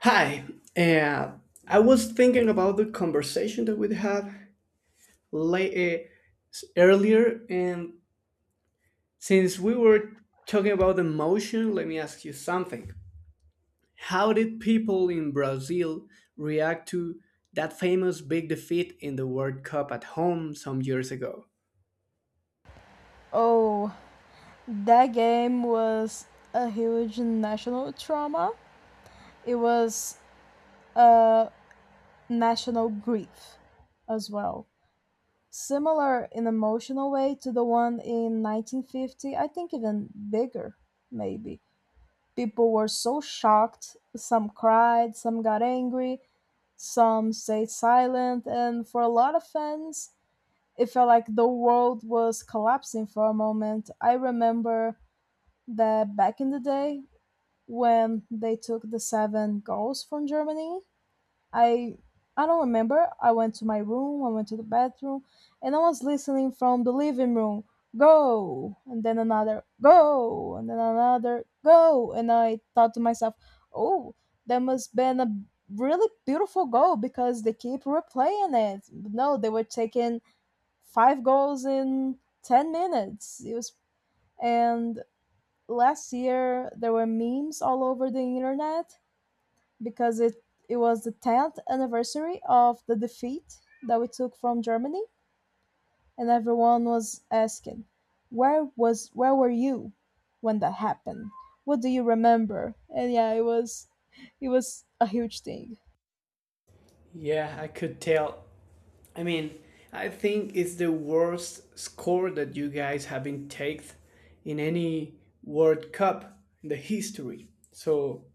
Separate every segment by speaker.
Speaker 1: Hi, uh, I was thinking about the conversation that we had late, uh, earlier, and since we were talking about emotion, let me ask you something. How did people in Brazil react to that famous big defeat in the World Cup at home some years ago?
Speaker 2: Oh, that game was a huge national trauma. It was a national grief as well. Similar in emotional way to the one in 1950, I think even bigger, maybe. People were so shocked, some cried, some got angry, some stayed silent, and for a lot of fans, it felt like the world was collapsing for a moment. I remember that back in the day, when they took the 7 goals from Germany. I I don't remember. I went to my room, I went to the bathroom, and I was listening from the living room. Go, and then another go, and then another go, and I thought to myself, "Oh, that must been a really beautiful goal because they keep replaying it." No, they were taking 5 goals in 10 minutes. It was and last year there were memes all over the internet because it was the 10th anniversary of the defeat that we took from Germany, and everyone was asking, "Where were you when that happened? What do you remember?" And yeah, it was a huge thing.
Speaker 1: Yeah, I could tell. I mean, I think it's the worst score that you guys have been taken in any World Cup in the history. So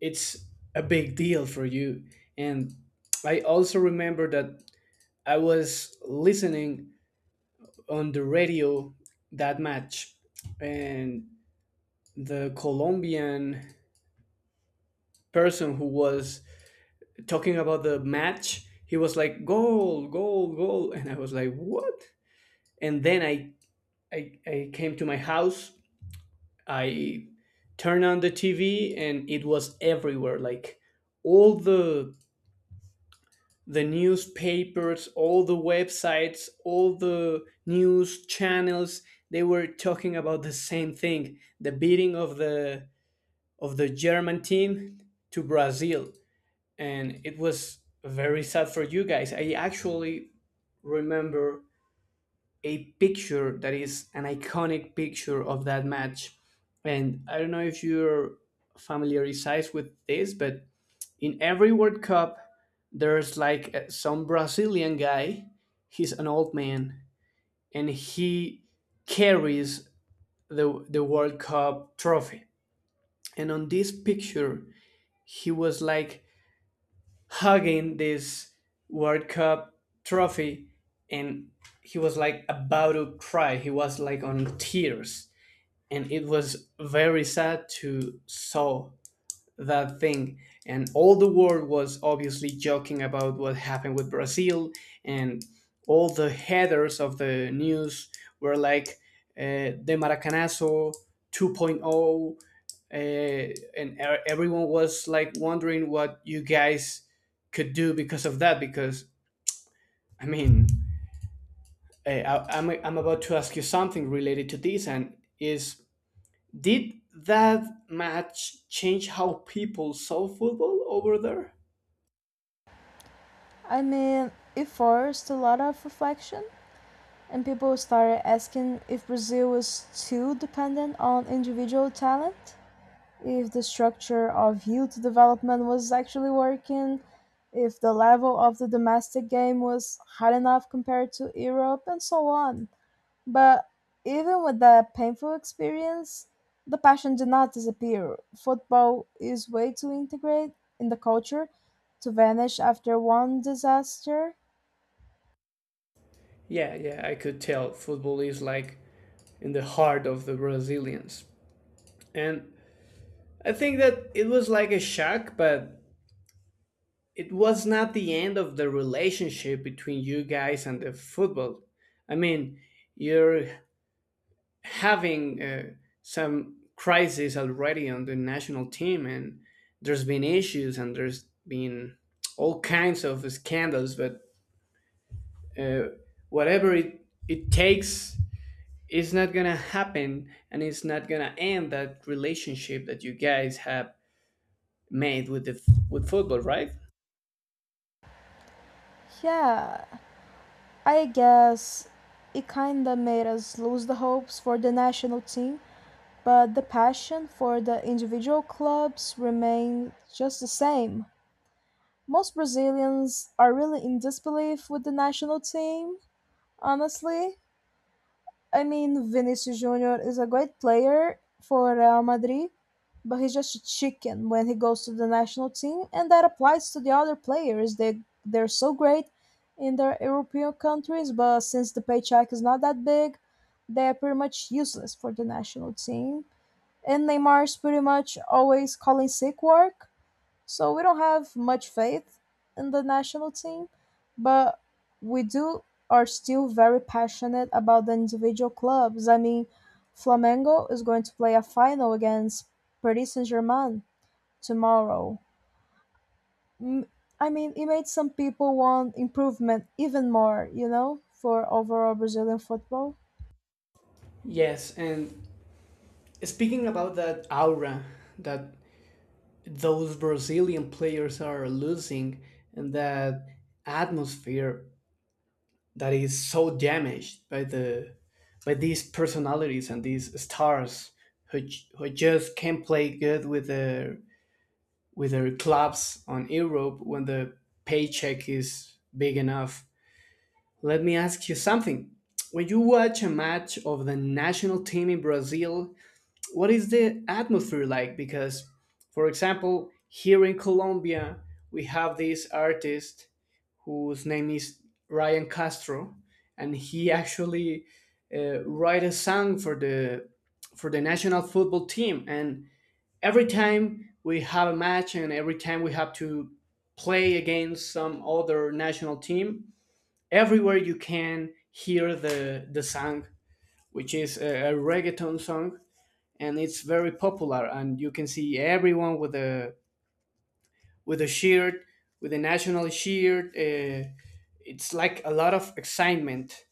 Speaker 1: it's a big deal for you. And I also remember that I was listening on the radio that match, and the Colombian person who was talking about the match, he was like, goal, goal, goal. And I was like, what? And then I came to my house. I turned on the TV, and it was everywhere. Like all the newspapers, all the websites, all the news channels. They were talking about the same thing: the beating of the German team to Brazil, and it was very sad for you guys. I actually remember a picture that is an iconic picture of that match. And I don't know if you're familiarized with this, but in every World Cup, there's like some Brazilian guy. He's an old man, and he carries the World Cup trophy. And on this picture, he was like hugging this World Cup trophy, and he was like about to cry. He was like on tears. And it was very sad to saw that thing, and all the world was obviously joking about what happened with Brazil. And all the headers of the news were like the maracanazo 2.0. Everyone was like wondering what you guys could do because of that. Because i mean uh, I, I'm, I'm about to ask you something related to this, and is: did that match change how people saw football over there?
Speaker 2: I mean, it forced a lot of reflection, and people started asking if Brazil was too dependent on individual talent, if the structure of youth development was actually working, if the level of the domestic game was high enough compared to Europe, and so on. But even with that painful experience, the passion did not disappear. Football is way too integrate in the culture to vanish after one disaster.
Speaker 1: Yeah, yeah, I could tell football is like in the heart of the Brazilians. And I think that it was like a shock, but it was not the end of the relationship between you guys and the football. I mean, you're having some crisis already on the national team, and there's been issues and there's been all kinds of scandals, but uh, whatever it takes is not gonna happen, and it's not gonna end that relationship that you guys have made with the with football, right?
Speaker 2: Yeah, I guess it kinda made us lose the hopes for the national team, but the passion for the individual clubs remained just the same. Most Brazilians are really in disbelief with the national team, honestly. I mean, Vinicius Jr. is a great player for Real Madrid, but he's just a chicken when he goes to the national team, and that applies to the other players. They're so great in their European countries, but since the paycheck is not that big, they're pretty much useless for the national team, and Neymar's pretty much always calling sick work. So we don't have much faith in the national team, but we do are still very passionate about the individual clubs. I mean, Flamengo is going to play a final against Paris Saint-Germain tomorrow. M- I mean, it made some people want improvement even more, you know, for overall Brazilian football.
Speaker 1: Yes, and speaking about that aura that those Brazilian players are losing, and that atmosphere that is so damaged by the by these personalities and these stars who, who just can't play good with their clubs on Europe when the paycheck is big enough. Let me ask you something. When you watch a match of the national team in Brazil, what is the atmosphere like? Because, for example, here in Colombia, we have this artist whose name is Ryan Castro, and he actually write a song for the national football team, and every time we have a match and every time we have to play against some other national team, everywhere you can hear the song, which is a reggaeton song, and it's very popular. And you can see everyone with a shirt, with a national shirt. It's like a lot of excitement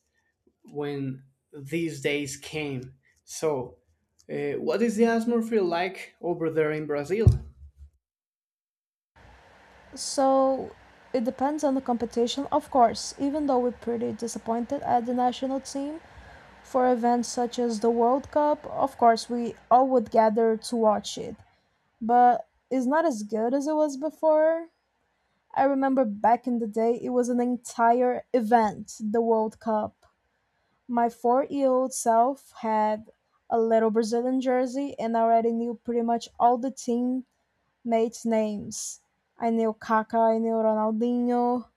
Speaker 1: when these days came. So, what is the atmosphere like over there in Brazil?
Speaker 2: So it depends on the competition, of course, even though we're pretty disappointed at the national team for events such as the World Cup, of course, we all would gather to watch it. But it's not as good as it was before. I remember back in the day, it was an entire event, the World Cup. My 4-year old self had a little Brazilian jersey and I already knew pretty much all the teammates' names. I knew Kaká, I knew Ronaldinho,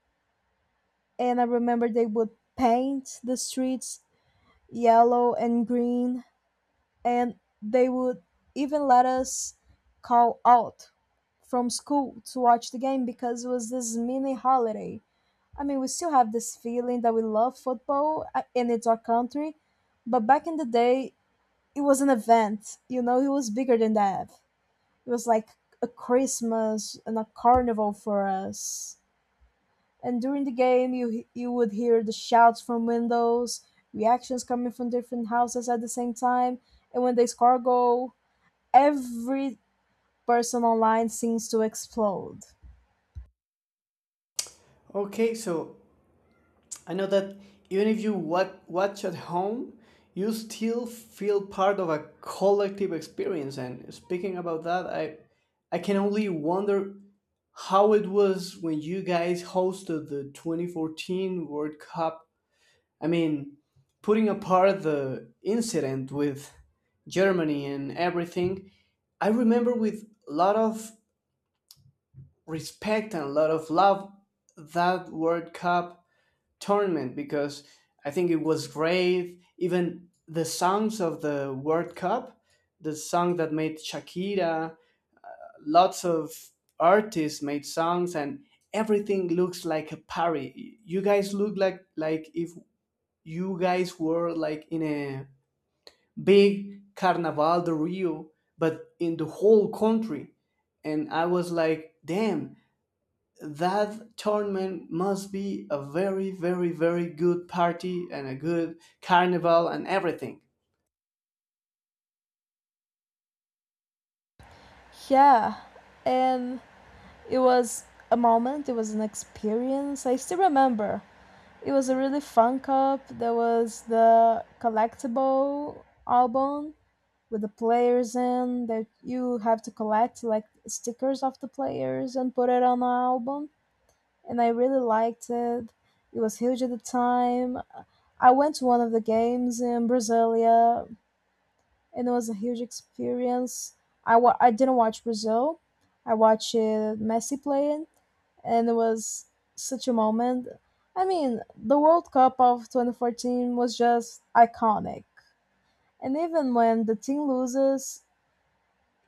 Speaker 2: and I remember they would paint the streets yellow and green, and they would even let us call out from school to watch the game because it was this mini holiday. I mean, we still have this feeling that we love football and it's our country, but back in the day, it was an event. You know, it was bigger than that. It was like a Christmas and a carnival for us. And during the game, you would hear the shouts from windows, reactions coming from different houses at the same time, and when they score a goal, every person online seems to explode.
Speaker 1: Okay, so I know that even if you watch at home, you still feel part of a collective experience. And speaking about that, I can only wonder how it was when you guys hosted the 2014 World Cup. I mean, putting apart the incident with Germany and everything, I remember with a lot of respect and a lot of love that World Cup tournament because I think it was great. Even the songs of the World Cup, the song that made Shakira, lots of artists made songs, and everything looks like a party. You guys look like if you guys were like in a big Carnaval de Rio, but in the whole country. And I was like, damn, that tournament must be a very, very, very good party and a good carnival and everything.
Speaker 2: Yeah, and it was a moment. It was an experience. I still remember. It was a really fun cup. There was the collectible album with the players in that you have to collect like stickers of the players and put it on an album, and I really liked it. It was huge at the time. I went to one of the games in Brasilia and it was a huge experience. I didn't watch Brazil. I watched Messi playing and it was such a moment. I mean, the World Cup of 2014 was just iconic. And even when the team loses,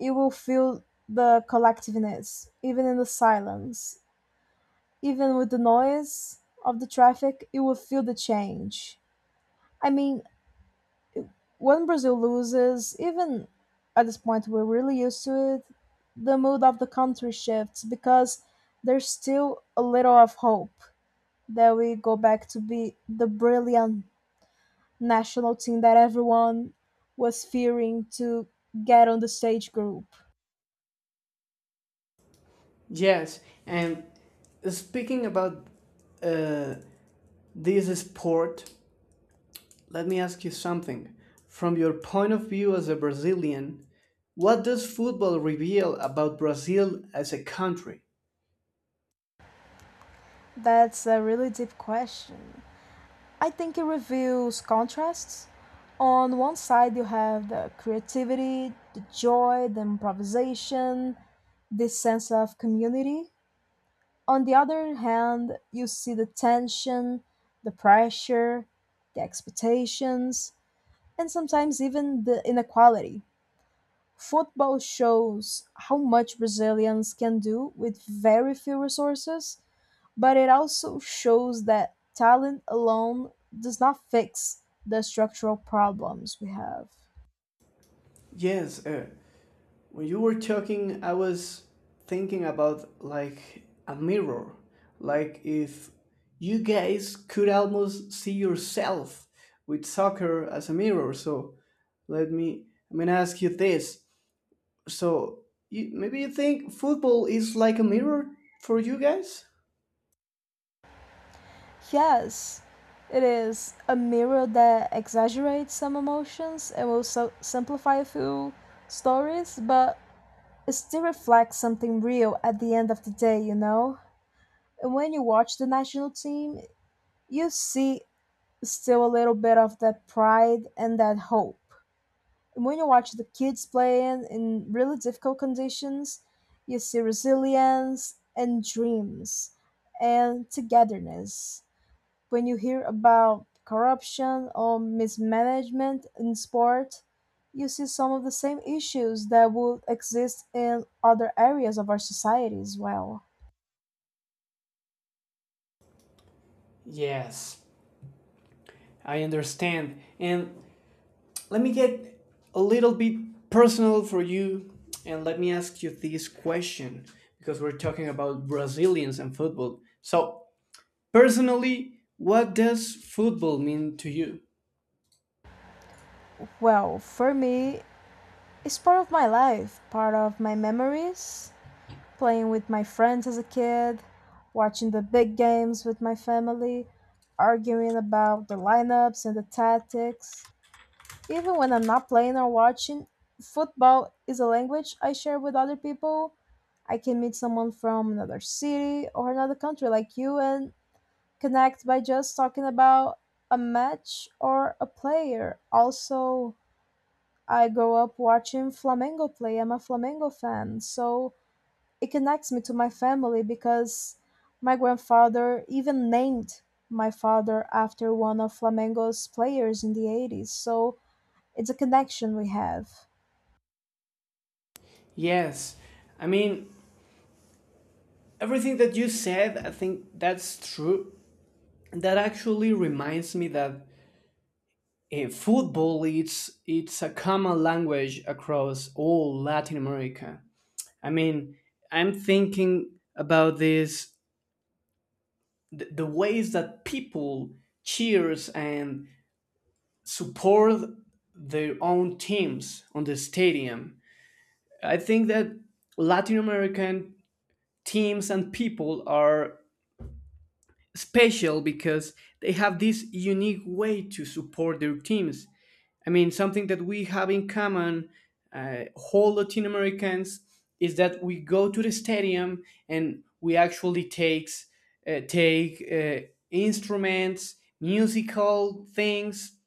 Speaker 2: you will feel the collectiveness, even in the silence. Even with the noise of the traffic, you will feel the change. I mean, when Brazil loses, even at this point we're really used to it, the mood of the country shifts because there's still a little of hope that we go back to be the brilliant national team that everyone was fearing to get on the stage group.
Speaker 1: Yes, and speaking about uh, this sport, let me ask you something. From your point of view as a Brazilian, what does football reveal about Brazil as a country?
Speaker 2: That's a really deep question. I think it reveals contrasts. On one side, you have the creativity, the joy, the improvisation, this sense of community. On the other hand, you see the tension, the pressure, the expectations, and sometimes even the inequality. Football shows how much Brazilians can do with very few resources, but it also shows that talent alone does not fix the structural problems we have.
Speaker 1: Yes, when you were talking, I was thinking about like a mirror, like if you guys could almost see yourself with soccer as a mirror. So let me, I'm gonna ask you this. So you, maybe you think football is like a mirror for you guys?
Speaker 2: Yes, it is a mirror that exaggerates some emotions and will simplify a few stories, but it still reflects something real at the end of the day, you know? And when you watch the national team, you see still a little bit of that pride and that hope. When you watch the kids playing in really difficult conditions, you see resilience and dreams and togetherness. When you hear about corruption or mismanagement in sport, you see some of the same issues that would exist in other areas of our society as well.
Speaker 1: Yes, I understand. And let me get a little bit personal for you and let me ask you this question because we're talking about Brazilians and football. So, personally, what does football mean to you?
Speaker 2: Well, for me, it's part of my life, part of my memories, playing with my friends as a kid, watching the big games with my family, arguing about the lineups and the tactics. Even when I'm not playing or watching, football is a language I share with other people. I can meet someone from another city or another country like you and connect by just talking about a match or a player. Also, I grew up watching Flamengo play. I'm a Flamengo fan, so it connects me to my family because my grandfather even named my father after one of Flamengo's players in the 80s. So it's a connection we have.
Speaker 1: Yes, I mean, everything that you said, I think that's true. That actually reminds me that football it's a common language across all Latin America. I mean, I'm thinking about this the ways that people cheers and support their own teams on the stadium. I think that Latin American teams and people are special because they have this unique way to support their teams. I mean, something that we have in common, whole Latin Americans, is that we go to the stadium and we actually takes take instruments, musical things,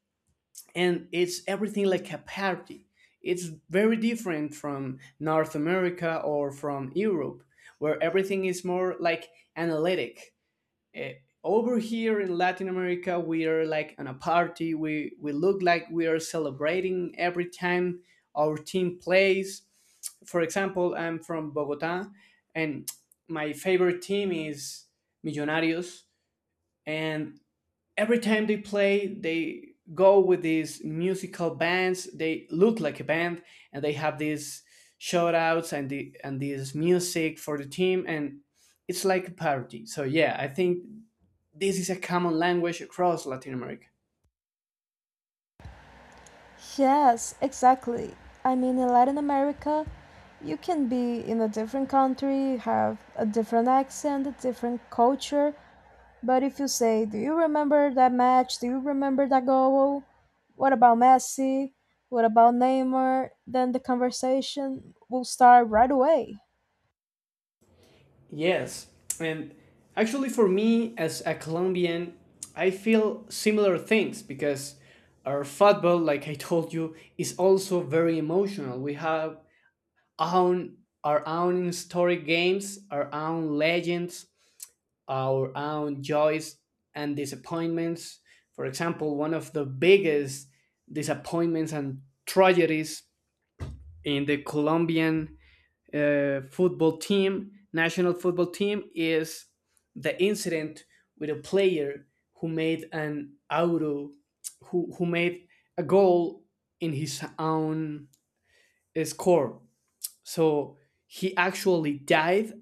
Speaker 1: and it's everything like a party. It's very different from North America or from Europe, where everything is more like analytic. eh, Over here in Latin America, we are like on a party. We look like we are celebrating every time our team plays. For example, I'm from Bogota, and my favorite team is Millonarios. And every time they play, they go with these musical bands. They look like a band, and they have these shout outs and the and this music for the team, and it's like a party. So yeah, I think this is a common language across Latin America.
Speaker 2: Yes, exactly. I mean, in Latin America, you can be in a different country, have a different accent, a different culture. But if you say, "Do you remember that match? Do you remember that goal? What about Messi? What about Neymar?" Then the conversation will start right away.
Speaker 1: Yes, and actually, for me as a Colombian, I feel similar things because our football, like I told you, is also very emotional. We have own our own historic games, our own legends, our own joys and disappointments. For example, one of the biggest disappointments and tragedies in the Colombian football team, national football team, is the incident with a player who made an auto, who made a goal in his own score. So he actually died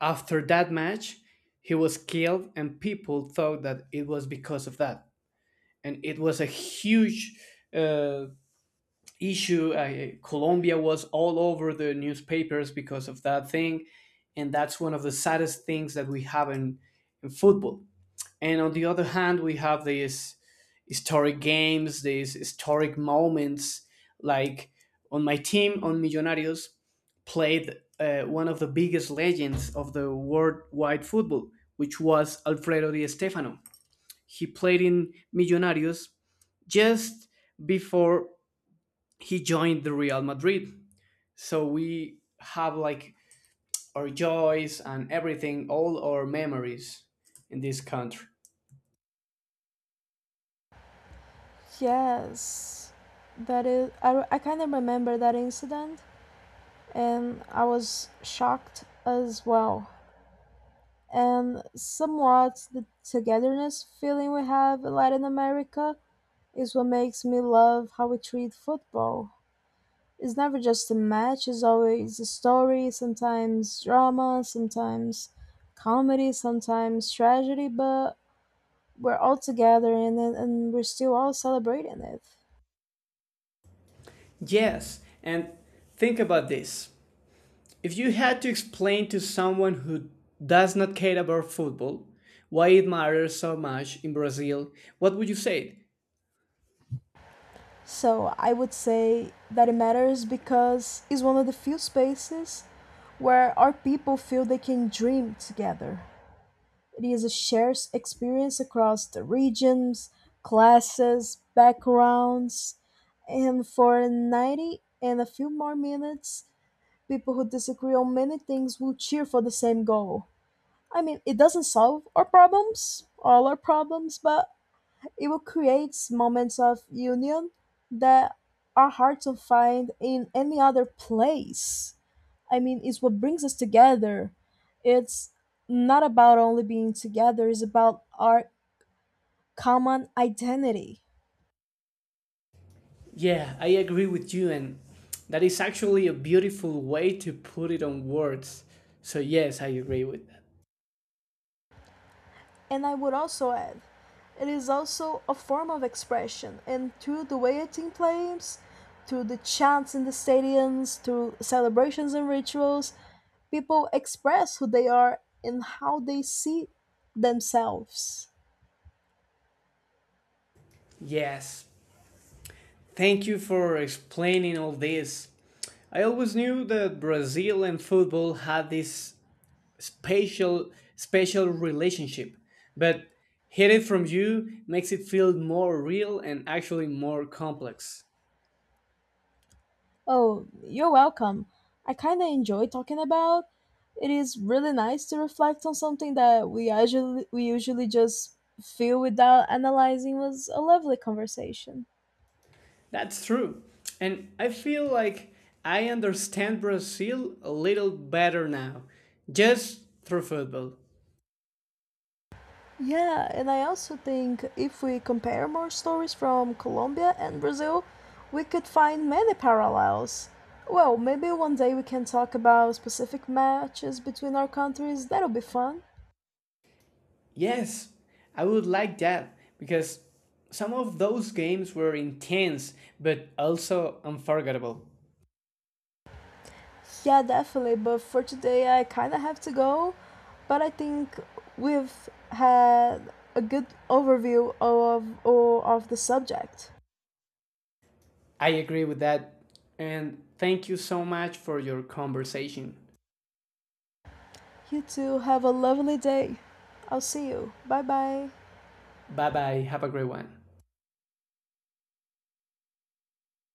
Speaker 1: after that match. He was killed, and people thought that it was because of that. And it was a huge uh, issue. Colombia was all over the newspapers because of that thing, and that's one of the saddest things that we have in football. And on the other hand, we have these historic games, these historic moments. Like on my team, on Millonarios, played one of the biggest legends of the worldwide football, which was Alfredo Di Stefano. He played in Millonarios just before he joined the Real Madrid. So we have like our joys and everything, all our memories in this country.
Speaker 2: Yes, that is. I kind of remember that incident, and I was shocked as well. And somewhat the togetherness feeling we have in Latin America is what makes me love how we treat football. It's never just a match, it's always a story, sometimes drama, sometimes comedy, sometimes tragedy, but we're all together in it and we're still all celebrating it.
Speaker 1: Yes, and think about this. If you had to explain to someone who does not care about football why it matters so much in Brazil, what would you say?
Speaker 2: So I would say that it matters because it's one of the few spaces where our people feel they can dream together. It is a shared experience across the regions, classes, backgrounds, and for 90 and a few more minutes, people who disagree on many things will cheer for the same goal. I mean, it doesn't solve our problems, all our problems, but it will create moments of union that are hard to find in any other place. I mean, it's what brings us together. It's not about only being together, it's about our common identity.
Speaker 1: Yeah, I agree with you, and that is actually a beautiful way to put it on words. So, yes, I agree with that.
Speaker 2: And I would also add, it is also a form of expression, and through the way a team plays, through the chants in the stadiums, through celebrations and rituals, people express who they are and how they see themselves.
Speaker 1: Yes, thank you for explaining all this. I always knew that Brazil and football had this special special relationship, but hearing it from you makes it feel more real and actually more complex.
Speaker 2: Oh, you're welcome. I kind of enjoy talking about. It is really nice to reflect on something that we usually just feel without analyzing. Was a lovely conversation.
Speaker 1: That's true. And I feel like I understand Brazil a little better now, just through football.
Speaker 2: Yeah, and I also think if we compare more stories from Colombia and Brazil, we could find many parallels. Well, maybe one day we can talk about specific matches between our countries. That'll be fun.
Speaker 1: Yes, I would like that because some of those games were intense but also unforgettable.
Speaker 2: Yeah, definitely. But for today, I kind of have to go. But I think we've had a good overview of the subject.
Speaker 1: I agree with that. And thank you so much for your conversation.
Speaker 2: You two have a lovely day. I'll see you. Bye bye.
Speaker 1: Bye bye. Have a great one.